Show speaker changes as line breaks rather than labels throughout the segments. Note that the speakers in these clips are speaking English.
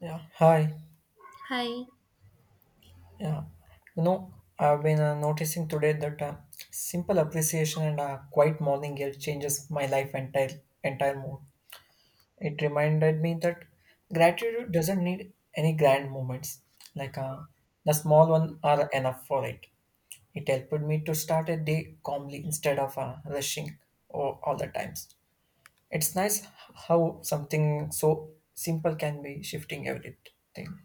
Yeah, hi.
Hi.
Yeah, I've been noticing today that simple appreciation and a quiet morning air changes my life entire mood. It reminded me that gratitude doesn't need any grand moments. Like uh, the small one are enough for it. It helped me to start a day calmly instead of rushing all the times. It's nice how something so simple can be shifting everything.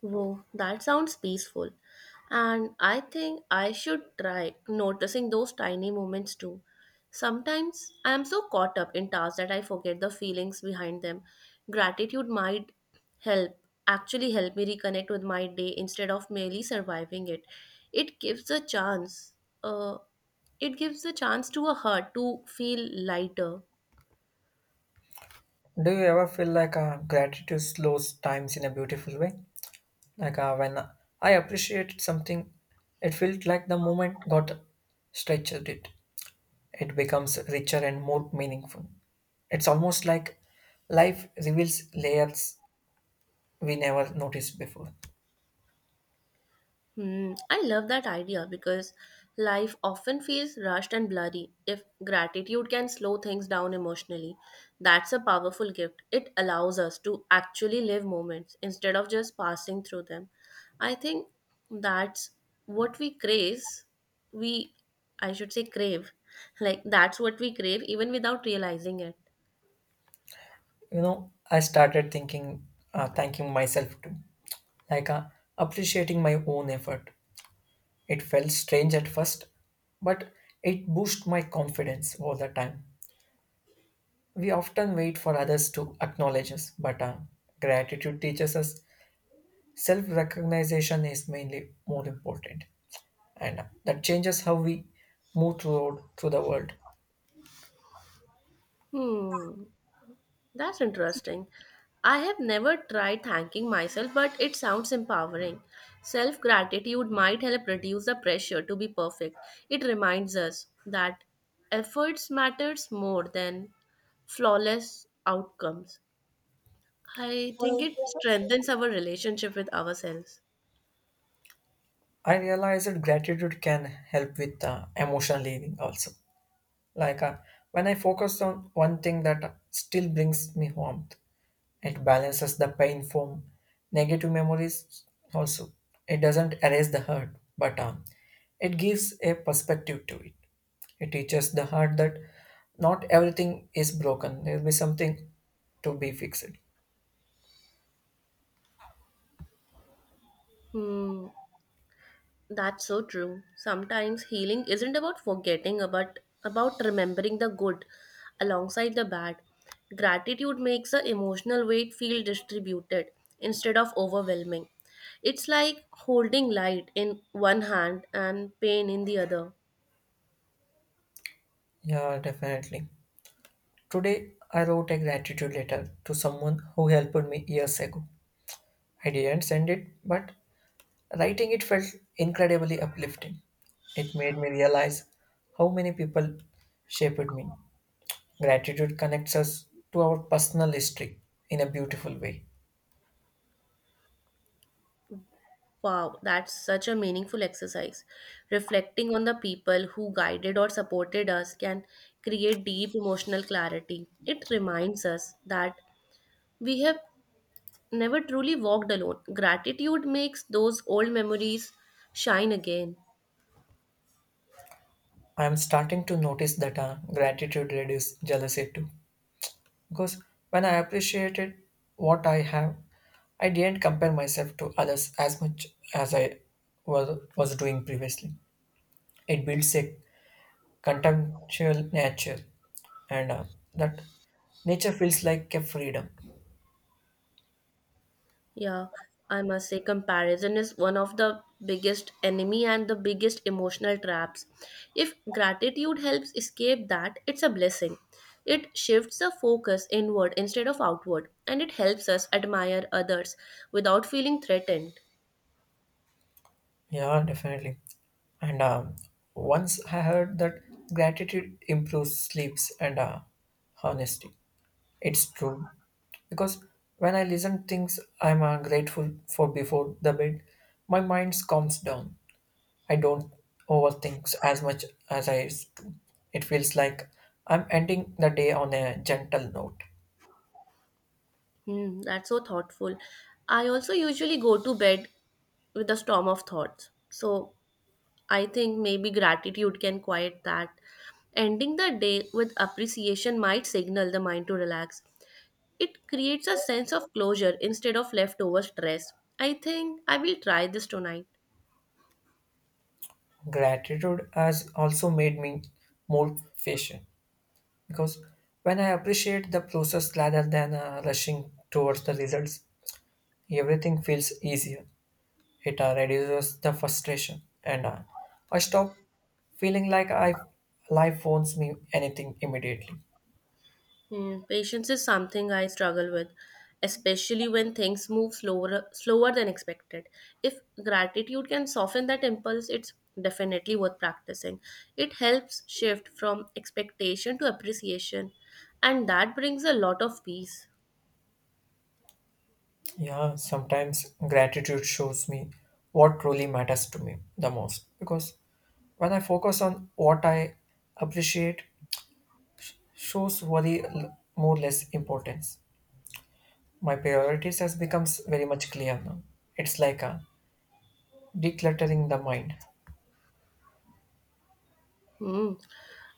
Whoa, that sounds peaceful. And I think I should try noticing those tiny moments too. Sometimes I am so caught up in tasks that I forget the feelings behind them. Gratitude might help, actually help me reconnect with my day instead of merely surviving it. It gives a chance, uh, it gives a chance to a heart to feel lighter.
Do you ever feel like gratitude slows times in a beautiful way? When I appreciated something, it felt like the moment got stretched it. It becomes richer and more meaningful. It's almost like life reveals layers we never noticed before.
Hmm, I love that idea because life often feels rushed and blurry. If gratitude can slow things down emotionally, that's a powerful gift. It allows us to actually live moments instead of just passing through them. I think that's what we craze. We, I should say, crave. Like, that's what we crave even without realizing it.
I started thinking, thanking myself too, like uh, appreciating my own effort. It felt strange at first, but it boosted my confidence all the time. We often wait for others to acknowledge us, but gratitude teaches us self recognition is mainly more important, and that changes how we move through the world.
Hmm. That's interesting. I have never tried thanking myself, but it sounds empowering. Self gratitude might help reduce the pressure to be perfect. It reminds us that efforts matters more than flawless outcomes. I think it strengthens our relationship with ourselves.
I realized that gratitude can help with emotional healing also. Like uh, when I focus on one thing that still brings me warmth, it balances the pain from negative memories also. It doesn't erase the hurt, but it gives a perspective to it. It teaches the heart that not everything is broken. There will be something to be fixed.
Hmm. That's so true. Sometimes healing isn't about forgetting, but about remembering the good alongside the bad. Gratitude makes the emotional weight feel distributed instead of overwhelming. It's like holding light in one hand and pain in the other.
Yeah, definitely. Today, I wrote a gratitude letter to someone who helped me years ago. I didn't send it, but writing it felt incredibly uplifting. It made me realize how many people shaped me. Gratitude connects us to our personal history in a beautiful way.
Wow, that's such a meaningful exercise. Reflecting on the people who guided or supported us can create deep emotional clarity. It reminds us that we have never truly walked alone. Gratitude makes those old memories shine again.
I am starting to notice that gratitude reduces jealousy too. Because when I appreciated what I have, I didn't compare myself to others as much as I was doing previously. It builds a contemptual nature, and that nature feels like a freedom.
Yeah, I must say, comparison is one of the biggest enemy and the biggest emotional traps. If gratitude helps escape that, it's a blessing. It shifts the focus inward instead of outward, and it helps us admire others without feeling threatened.
Yeah, definitely. And once I heard that gratitude improves sleeps and honesty. It's true because when I listen things I'm grateful for before the bed, my mind calms down. I don't overthink as much as I used to. It feels like I'm ending the day on a gentle note.
Hmm, that's so thoughtful. I also usually go to bed with a storm of thoughts. So I think maybe gratitude can quiet that. Ending the day with appreciation might signal the mind to relax. It creates a sense of closure instead of leftover stress. I think I will try this tonight.
Gratitude has also made me more patient because when I appreciate the process rather than rushing towards the results, everything feels easier. It reduces the frustration, and I stop feeling like I life owns me anything immediately.
Hmm, patience is something I struggle with, especially when things move slower, slower than expected. If gratitude can soften that impulse, it's definitely worth practicing. It helps shift from expectation to appreciation, and that brings a lot of peace.
Yeah, sometimes gratitude shows me what truly matters to me the most because when I focus on what I appreciate, shows worry more less importance. My priorities has becomes very much clear now. It's like a decluttering the mind.
Hmm.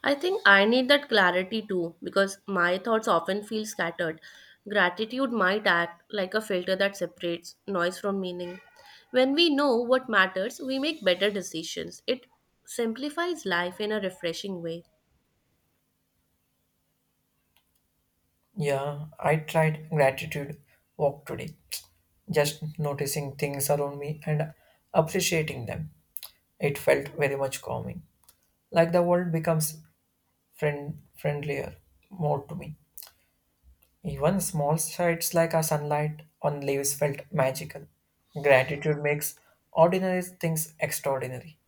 I think I need that clarity too because my thoughts often feel scattered. Gratitude might act like a filter that separates noise from meaning. When we know what matters, we make better decisions. It simplifies life in a refreshing way.
Yeah, I tried gratitude walk today. Just noticing things around me and appreciating them. It felt very much calming. Like the world becomes friendlier more to me. Even small sights like a sunlight on leaves felt magical. Gratitude makes ordinary things extraordinary.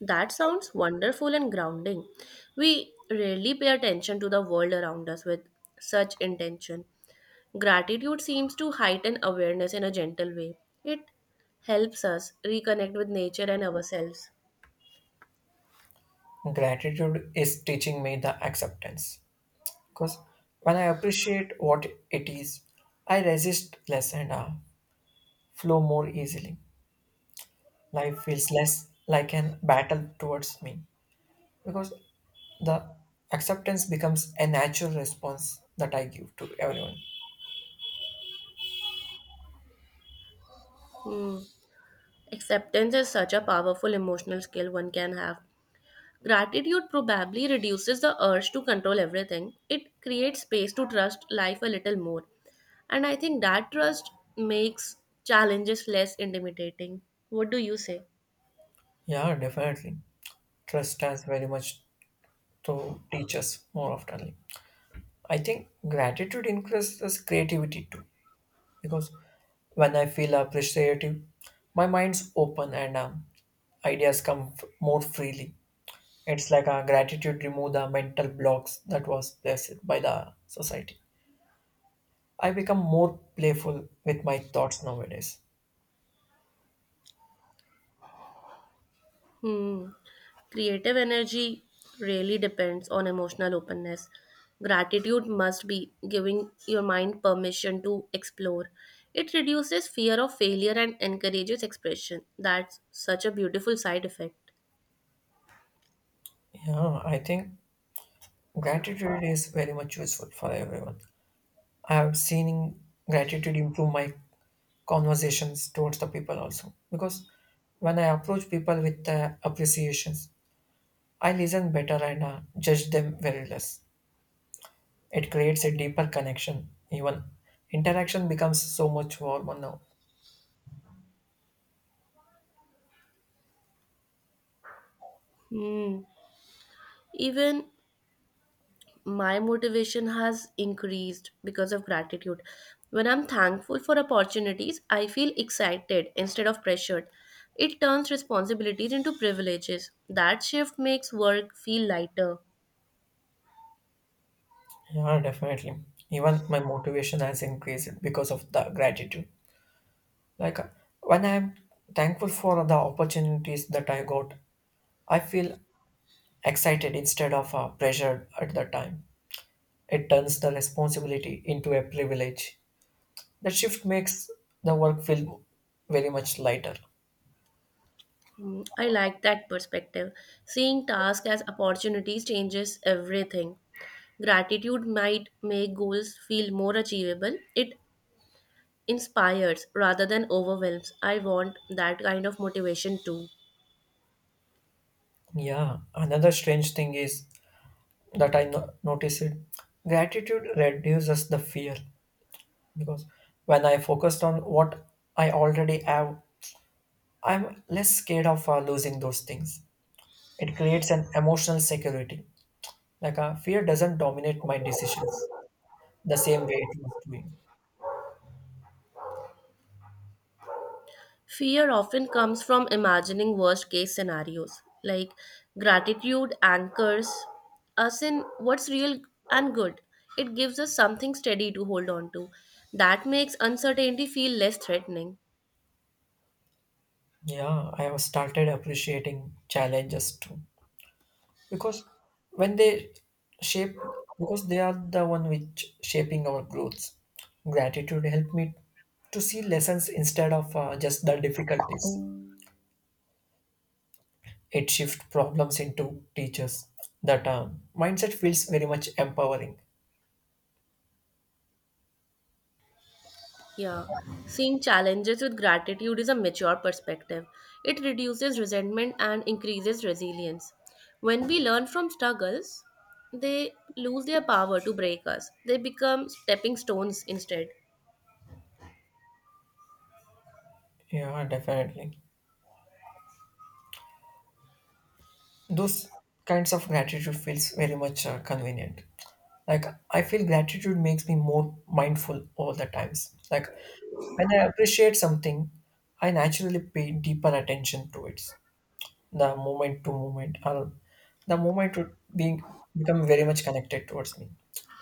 That sounds wonderful and grounding. We rarely pay attention to the world around us with such intention. Gratitude seems to heighten awareness in a gentle way. It helps us reconnect with nature and ourselves.
Gratitude is teaching me the acceptance, because when I appreciate what it is, I resist less and flow more easily. Life feels less like an battle towards me because the acceptance becomes a natural response that I give to everyone.
Hmm. Acceptance is such a powerful emotional skill one can have. Gratitude probably reduces the urge to control everything. It creates space to trust life a little more. And I think that trust makes challenges less intimidating. What do you say?
Yeah, definitely. Trust stands very much to teach us more often. I think gratitude increases creativity too because when I feel appreciative, my mind's open and ideas come more freely. It's like a gratitude remove the mental blocks that was placed by the society. I become more playful with my thoughts nowadays.
Hmm. Creative energy really depends on emotional openness. Gratitude must be giving your mind permission to explore. It reduces fear of failure and encourages expression. That's such a beautiful side effect.
Yeah, I think gratitude is very much useful for everyone. I have seen gratitude improve my conversations towards the people also because when I approach people with appreciations, I listen better and judge them very less. It creates a deeper connection. Even interaction becomes so much warmer now.
Hmm. Even my motivation has increased because of gratitude. When I'm thankful for opportunities, I feel excited instead of pressured. It turns responsibilities into privileges. That shift makes work feel lighter.
Yeah, definitely. Even my motivation has increased because of the gratitude. Like uh, when I'm thankful for the opportunities that I got, I feel excited instead of pressured at the time. It turns the responsibility into a privilege. That shift makes the work feel very much lighter.
Mm, I like that perspective. Seeing tasks as opportunities changes everything. Gratitude might make goals feel more achievable. It inspires rather than overwhelms. I want that kind of motivation too.
Yeah, another strange thing is that I noticed it. Gratitude reduces the fear because when I focused on what I already have, I'm less scared of losing those things. It creates an emotional security. Fear doesn't dominate my decisions the same way it was doing.
Fear often comes from imagining worst case scenarios. Like gratitude anchors us in what's real and good. It gives us something steady to hold on to. That makes uncertainty feel less threatening.
Yeah, I have started appreciating challenges too because when they shape, because they are the one which shaping our growth. Gratitude helped me to see lessons instead of just the difficulties. It shift problems into teachers. That mindset feels very much empowering.
Yeah. Seeing challenges with gratitude is a mature perspective. It reduces resentment and increases resilience. When we learn from struggles, they lose their power to break us. They become stepping stones instead.
Yeah, definitely. Those kinds of gratitude feels very much convenient. Like I feel gratitude makes me more mindful all the times. Like when I appreciate something, I naturally pay deeper attention to it. The moment to moment, or the moment to being, become very much connected towards me.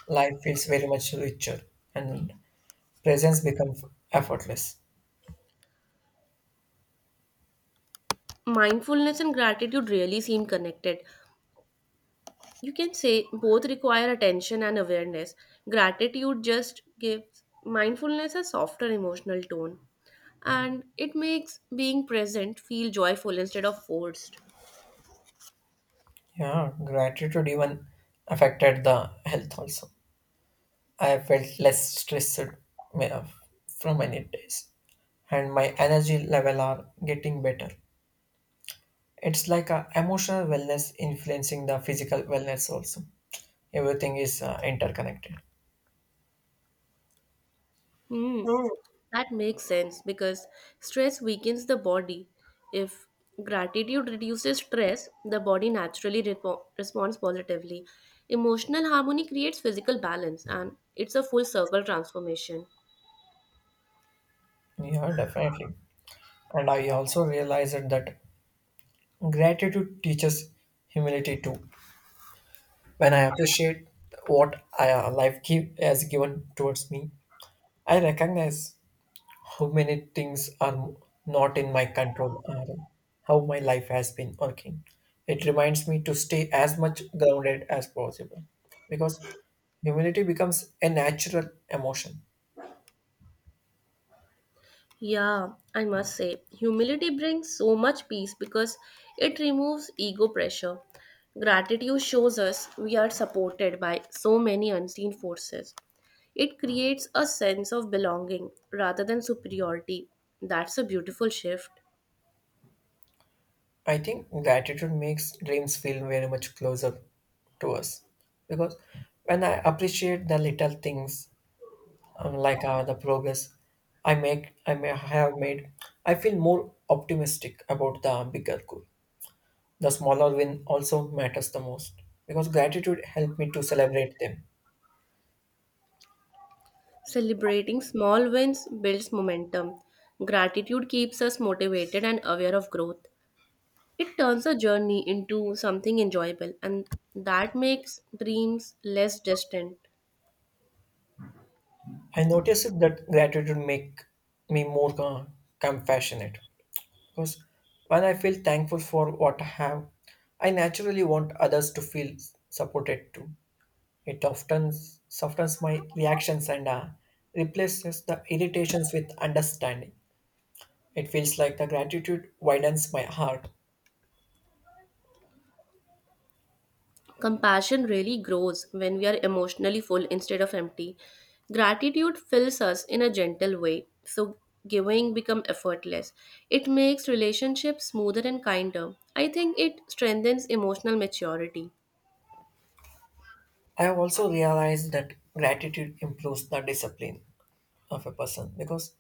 Life feels very much richer, and presence becomes effortless.
Mindfulness and gratitude really seem connected. You can say both require attention and awareness. Gratitude just gives mindfulness a softer emotional tone, and it makes being present feel joyful instead of forced.
Yeah, gratitude even affected the health also. I felt less stressed ma- from many days, and my energy level are getting better. It's like a emotional wellness influencing the physical wellness also. Everything is interconnected.
Hmm.
Hmm.
That makes sense because stress weakens the body. If gratitude reduces stress, the body naturally responds positively. Emotional harmony creates physical balance and it's a full circle transformation.
Yeah, definitely. And I also realized that gratitude teaches humility too. When I appreciate what I, has given towards me, I recognize how many things are not in my control, or how my life has been working. It reminds me to stay as much grounded as possible because humility becomes a natural emotion.
Yeah, I must say, humility brings so much peace because it removes ego pressure. Gratitude shows us we are supported by so many unseen forces. It creates a sense of belonging rather than superiority. That's a beautiful shift.
I think gratitude makes dreams feel very much closer to us because when I appreciate the little things, the progress I may have made, I feel more optimistic about the bigger goal. The smaller win also matters the most because gratitude helped me to celebrate them.
Celebrating small wins builds momentum. Gratitude keeps us motivated and aware of growth. It turns a journey into something enjoyable, and that makes dreams less distant.
I noticed that gratitude make me more compassionate because when I feel thankful for what I have, I naturally want others to feel supported too. It often softens my reactions and replaces the irritations with understanding. It feels like the gratitude widens my heart.
Compassion really grows when we are emotionally full instead of empty. Gratitude fills us in a gentle way, so giving become effortless. It makes relationships smoother and kinder. I think it strengthens emotional maturity.
I have also realized that gratitude improves the discipline of a person because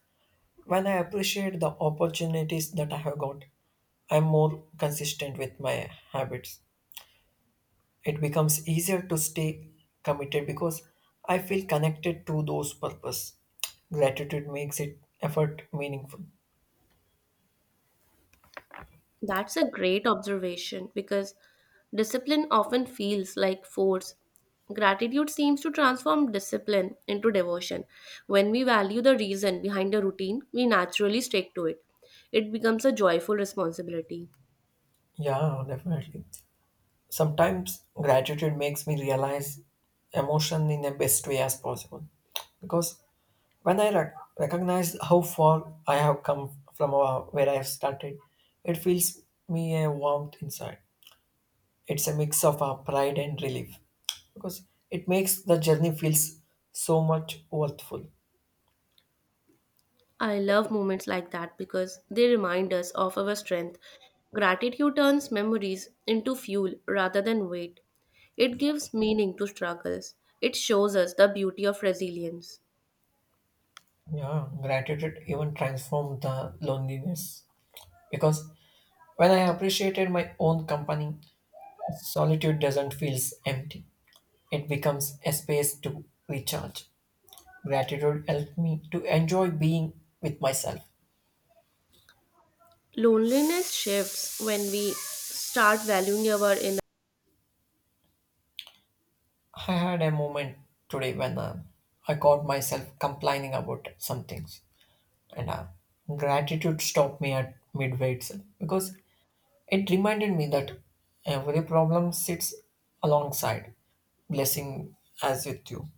when I appreciate the opportunities that I have got, I'm more consistent with my habits. It becomes easier to stay committed because I feel connected to those purpose. Gratitude makes it effort meaningful.
That's a great observation because discipline often feels like force. Gratitude seems to transform discipline into devotion. When we value the reason behind a routine, we naturally stick to it. It becomes a joyful responsibility.
Yeah, definitely. Sometimes gratitude makes me realize emotion in the best way as possible because when I recognize how far I have come from where I have started, it fills me a warmth inside. It's a mix of pride and relief because it makes the journey feels so much worthful.
I love moments like that because they remind us of our strength. Gratitude turns memories into fuel rather than weight. It gives meaning to struggles. It shows us the beauty of resilience.
Yeah, gratitude even transformed the loneliness because when I appreciated my own company, solitude doesn't feel empty. It becomes a space to recharge. Gratitude helped me to enjoy being with myself.
Loneliness shifts when we start valuing our inner.
I had a moment today when I caught myself complaining about some things, and gratitude stopped me at midway itself because it reminded me that every problem sits alongside blessing as with you.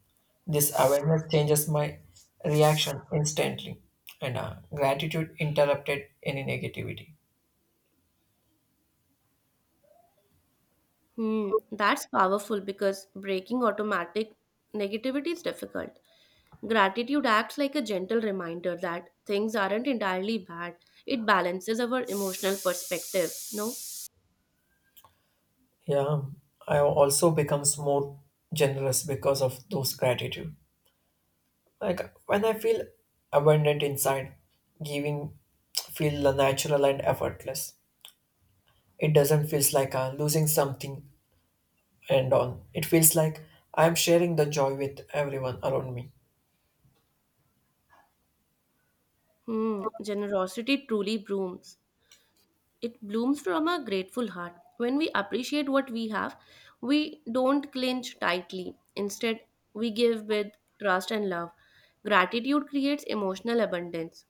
This awareness changes my reaction instantly, and gratitude interrupted any negativity.
Hmm, that's powerful because breaking automatic negativity is difficult. Gratitude acts like a gentle reminder that things aren't entirely bad. It balances our emotional perspective. No?
Yeah, I also becomes more generous because of those gratitude. Like when I feel abundant inside, giving feel natural and effortless. It doesn't feel like losing something and on. It feels like I'm sharing the joy with everyone around me.
Hmm, generosity truly blooms It blooms from a grateful heart. When we appreciate what we have, we don't clinch tightly. Instead, we give with trust and love. Gratitude creates emotional abundance.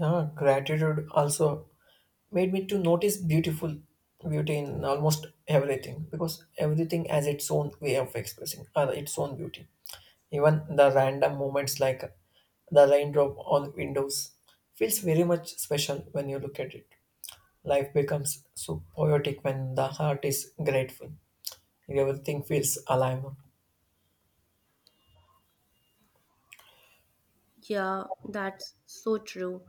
Yeah, gratitude also made me to notice beautiful beauty in almost everything because everything has its own way of expressing or its own beauty. Even the random moments like the raindrop on windows feels very much special when you look at it. Life becomes so poetic when the heart is grateful. Everything feels alive.
Yeah, that's so true.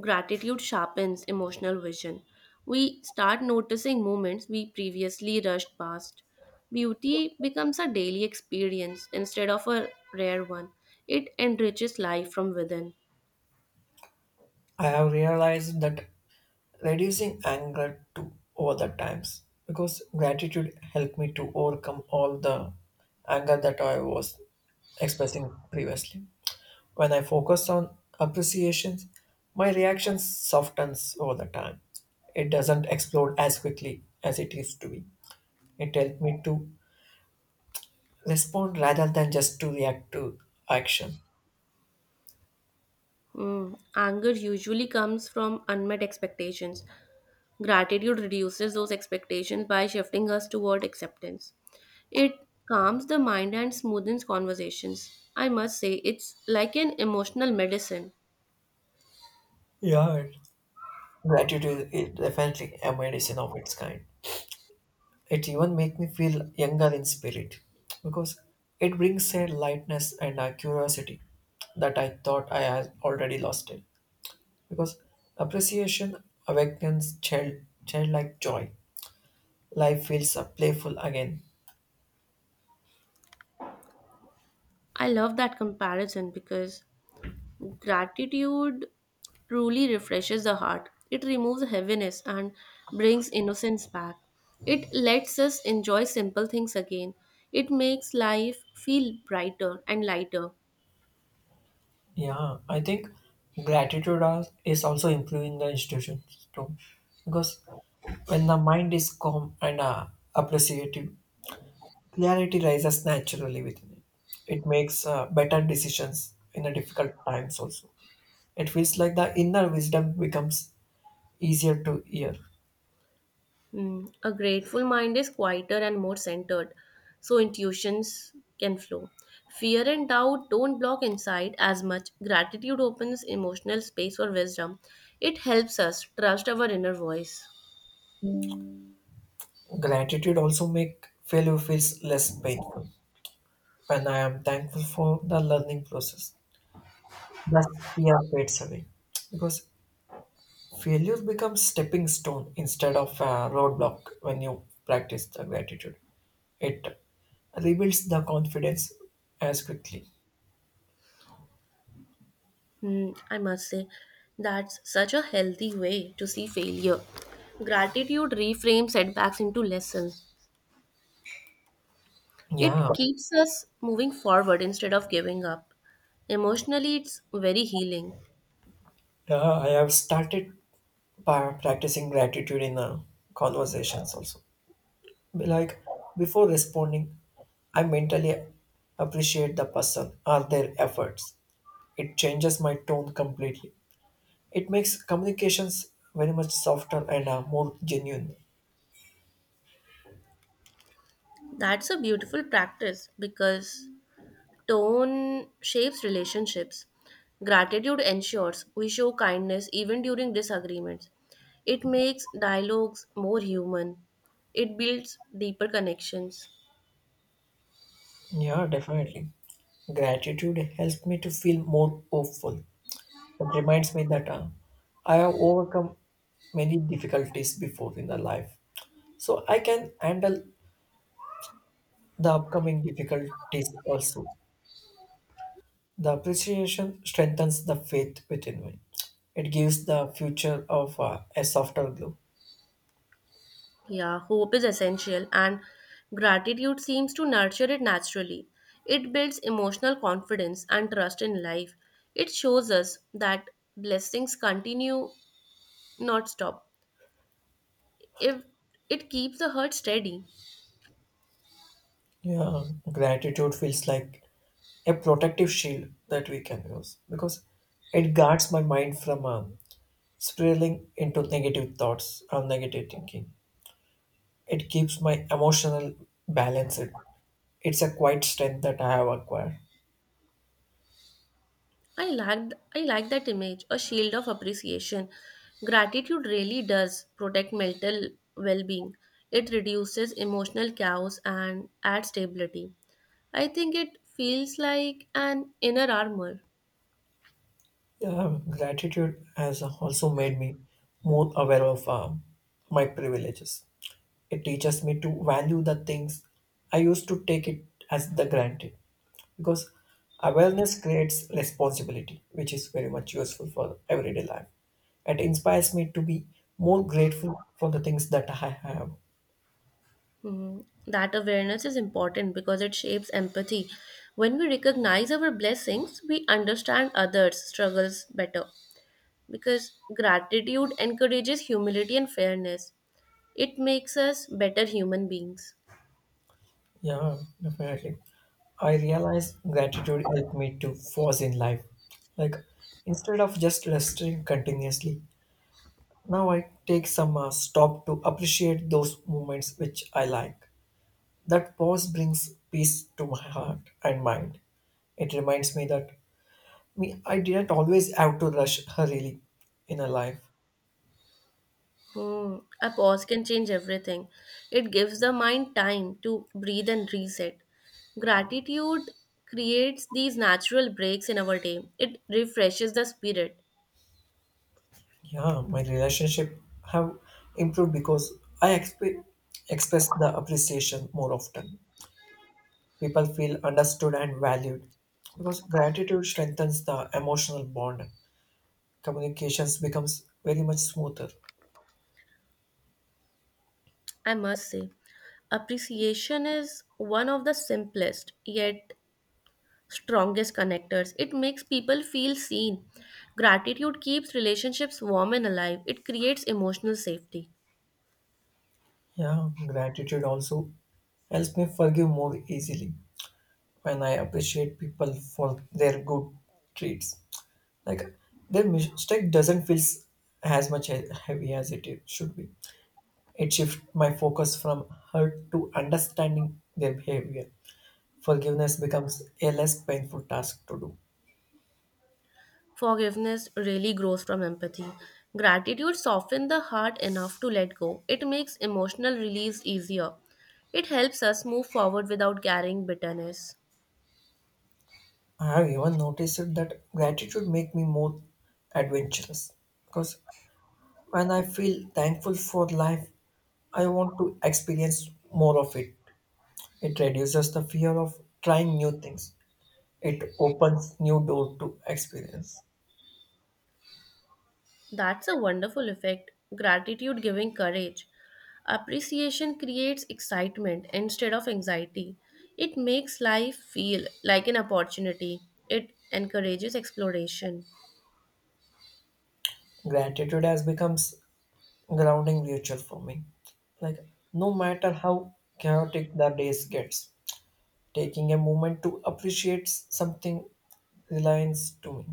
Gratitude sharpens emotional vision. We start noticing moments we previously rushed past. Beauty becomes a daily experience instead of a rare one. It enriches life from within.
I have realized that reducing anger to over the times because gratitude helped me to overcome all the anger that I was expressing previously. When I focus on appreciations, my reaction softens over the time. It doesn't explode as quickly as it used to be. It helped me to respond rather than just to react to action.
Mm, anger usually comes from unmet expectations. Gratitude reduces those expectations by shifting us toward acceptance. It calms the mind and smoothens conversations. I must say, it's like an emotional medicine.
Yeah, gratitude is definitely a medicine of its kind. It even makes me feel younger in spirit because it brings a lightness and a curiosity that I thought I had already lost it. Because appreciation awakens childlike joy. Life feels playful again.
I love that comparison because gratitude truly refreshes the heart. It removes heaviness and brings innocence back. It lets us enjoy simple things again. It makes life feel brighter and lighter.
Yeah, I think gratitude is also improving the institutions too because when the mind is calm and appreciative, clarity rises naturally within it. It makes better decisions in the difficult times also. It feels like the inner wisdom becomes easier to hear.
Hmm, a grateful mind is quieter and more centered, so intuitions can flow. Fear and doubt don't block insight as much. Gratitude opens emotional space for wisdom. It helps us trust our inner voice.
Gratitude also make failure feels less painful. When I am thankful for the learning process, thus fear fades away. Because failure becomes stepping stone instead of a roadblock when you practice the gratitude. It rebuilds the confidence as quickly.
Hmm, I must say, that's such a healthy way to see failure. Gratitude reframes setbacks into lessons.
Yeah,
It keeps us moving forward instead of giving up. Emotionally, it's very healing.
Yeah, I have started practicing gratitude in conversations also. Be like before responding, I mentally appreciate the person or their efforts. It changes my tone completely. It makes communications very much softer and more genuine.
That's a beautiful practice because tone shapes relationships. Gratitude ensures we show kindness even during disagreements. It makes dialogues more human. It builds deeper connections.
Yeah, definitely. Gratitude helps me to feel more hopeful. It reminds me that I have overcome many difficulties before in the life, so I can handle the upcoming difficulties also. The appreciation strengthens the faith within me. It gives the future of a softer glow.
Yeah, hope is essential, and gratitude seems to nurture it naturally. It builds emotional confidence and trust in life. It shows us that blessings continue, not stop. If it keeps the heart steady,
Yeah, gratitude feels like a protective shield that we can use because it guards my mind from spiraling into negative thoughts or negative thinking. It keeps my emotional balance. It's a quiet strength that I have acquired.
I like that image, a shield of appreciation. Gratitude really does protect mental well-being. It reduces emotional chaos and adds stability. I think it feels like an inner armor.
Gratitude has also made me more aware of my privileges. It teaches me to value the things I used to take it as the granted, because awareness creates responsibility, which is very much useful for everyday life. It inspires me to be more grateful for the things that I have.
Mhm. That awareness is important because it shapes empathy. When we recognize our blessings, we understand others' struggles better because gratitude encourages humility and fairness. It makes us better human beings.
Yeah, definitely. I realize gratitude helped me to pause in life. Like instead of just resting continuously, now I take some stop to appreciate those moments which I like. That pause brings peace to my heart and mind. It reminds me that me I didn't always have to rush her really in a life.
Hmm. A pause can change everything. It gives the mind time to breathe and reset. Gratitude creates these natural breaks in our day, it refreshes the spirit.
Yeah, my relationship have improved because I exp- express the appreciation more often. People feel understood and valued because gratitude strengthens the emotional bond. Communications becomes very much smoother.
I must say, appreciation is one of the simplest yet strongest connectors. It makes people feel seen. Gratitude keeps relationships warm and alive, it creates emotional safety.
Yeah, gratitude also helps me forgive more easily when I appreciate people for their good traits. Like their mistake doesn't feel as much heavy as it should be. It shifts my focus from hurt to understanding their behavior. Forgiveness becomes a less painful task to do.
Forgiveness really grows from empathy. Gratitude softens the heart enough to let go, it makes emotional release easier. It helps us move forward without carrying bitterness.
I have even noticed that gratitude make me more adventurous because when I feel thankful for life, I want to experience more of it. It reduces the fear of trying new things. It opens new door to experience.
That's a wonderful effect. Gratitude giving courage. Appreciation creates excitement instead of anxiety. It makes life feel like an opportunity. It encourages exploration.
Gratitude has becomes grounding ritual for me. Like no matter how chaotic the days gets, taking a moment to appreciate something reliance to me.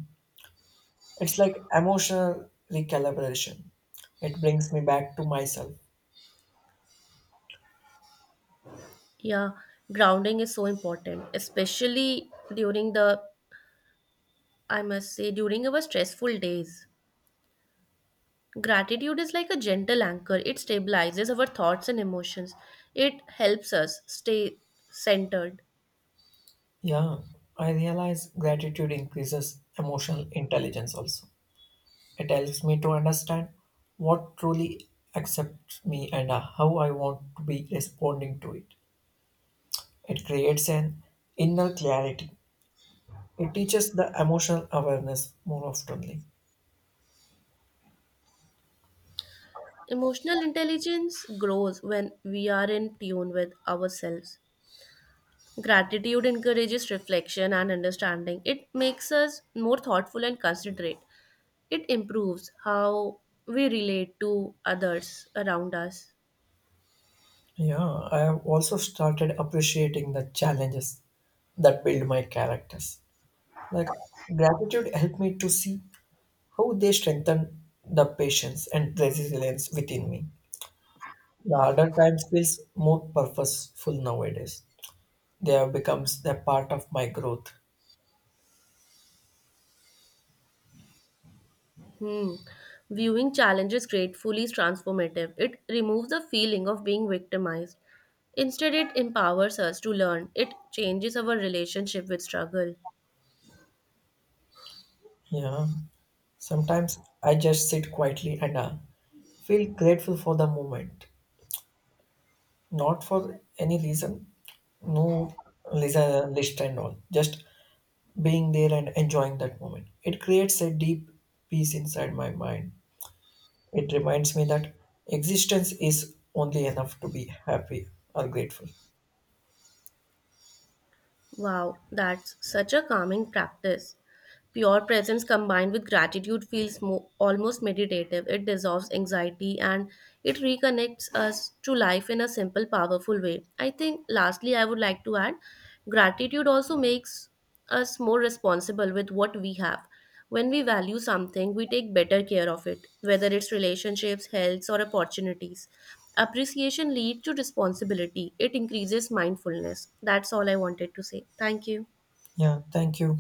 It's like emotional recalibration. It brings me back to myself.
Yeah, grounding is so important, especially during the, I must say, during our stressful days. Gratitude is like a gentle anchor, it stabilizes our thoughts and emotions. It helps us stay centered.
Yeah, I realize gratitude increases emotional intelligence also. It helps me to understand what truly accepts me and how I want to be responding to it. It creates an inner clarity. It teaches the emotional awareness more oftenly.
Emotional intelligence grows when we are in tune with ourselves. Gratitude encourages reflection and understanding. It makes us more thoughtful and considerate. It improves how we relate to others around us.
Yeah, I have also started appreciating the challenges that build my characters. Like gratitude helped me to see how they strengthen the patience and resilience within me. The harder times feels more purposeful nowadays. They have becomes a part of my growth.
Hmm. Viewing challenges gratefully is transformative. It removes the feeling of being victimized. Instead, it empowers us to learn. It changes our relationship with struggle.
Yeah, sometimes I just sit quietly and feel grateful for the moment, not for any reason. No lisa list and all, just being there and enjoying that moment. It creates a deep peace inside my mind. It reminds me that existence is only enough to be happy or grateful.
Wow, that's such a calming practice. Pure presence combined with gratitude feels almost meditative. It dissolves anxiety and it reconnects us to life in a simple, powerful way. I think, lastly, I would like to add gratitude also makes us more responsible with what we have. When we value something, we take better care of it, whether it's relationships, health, or opportunities. Appreciation leads to responsibility, it increases mindfulness. That's all I wanted to say. Thank you.
Yeah, thank you.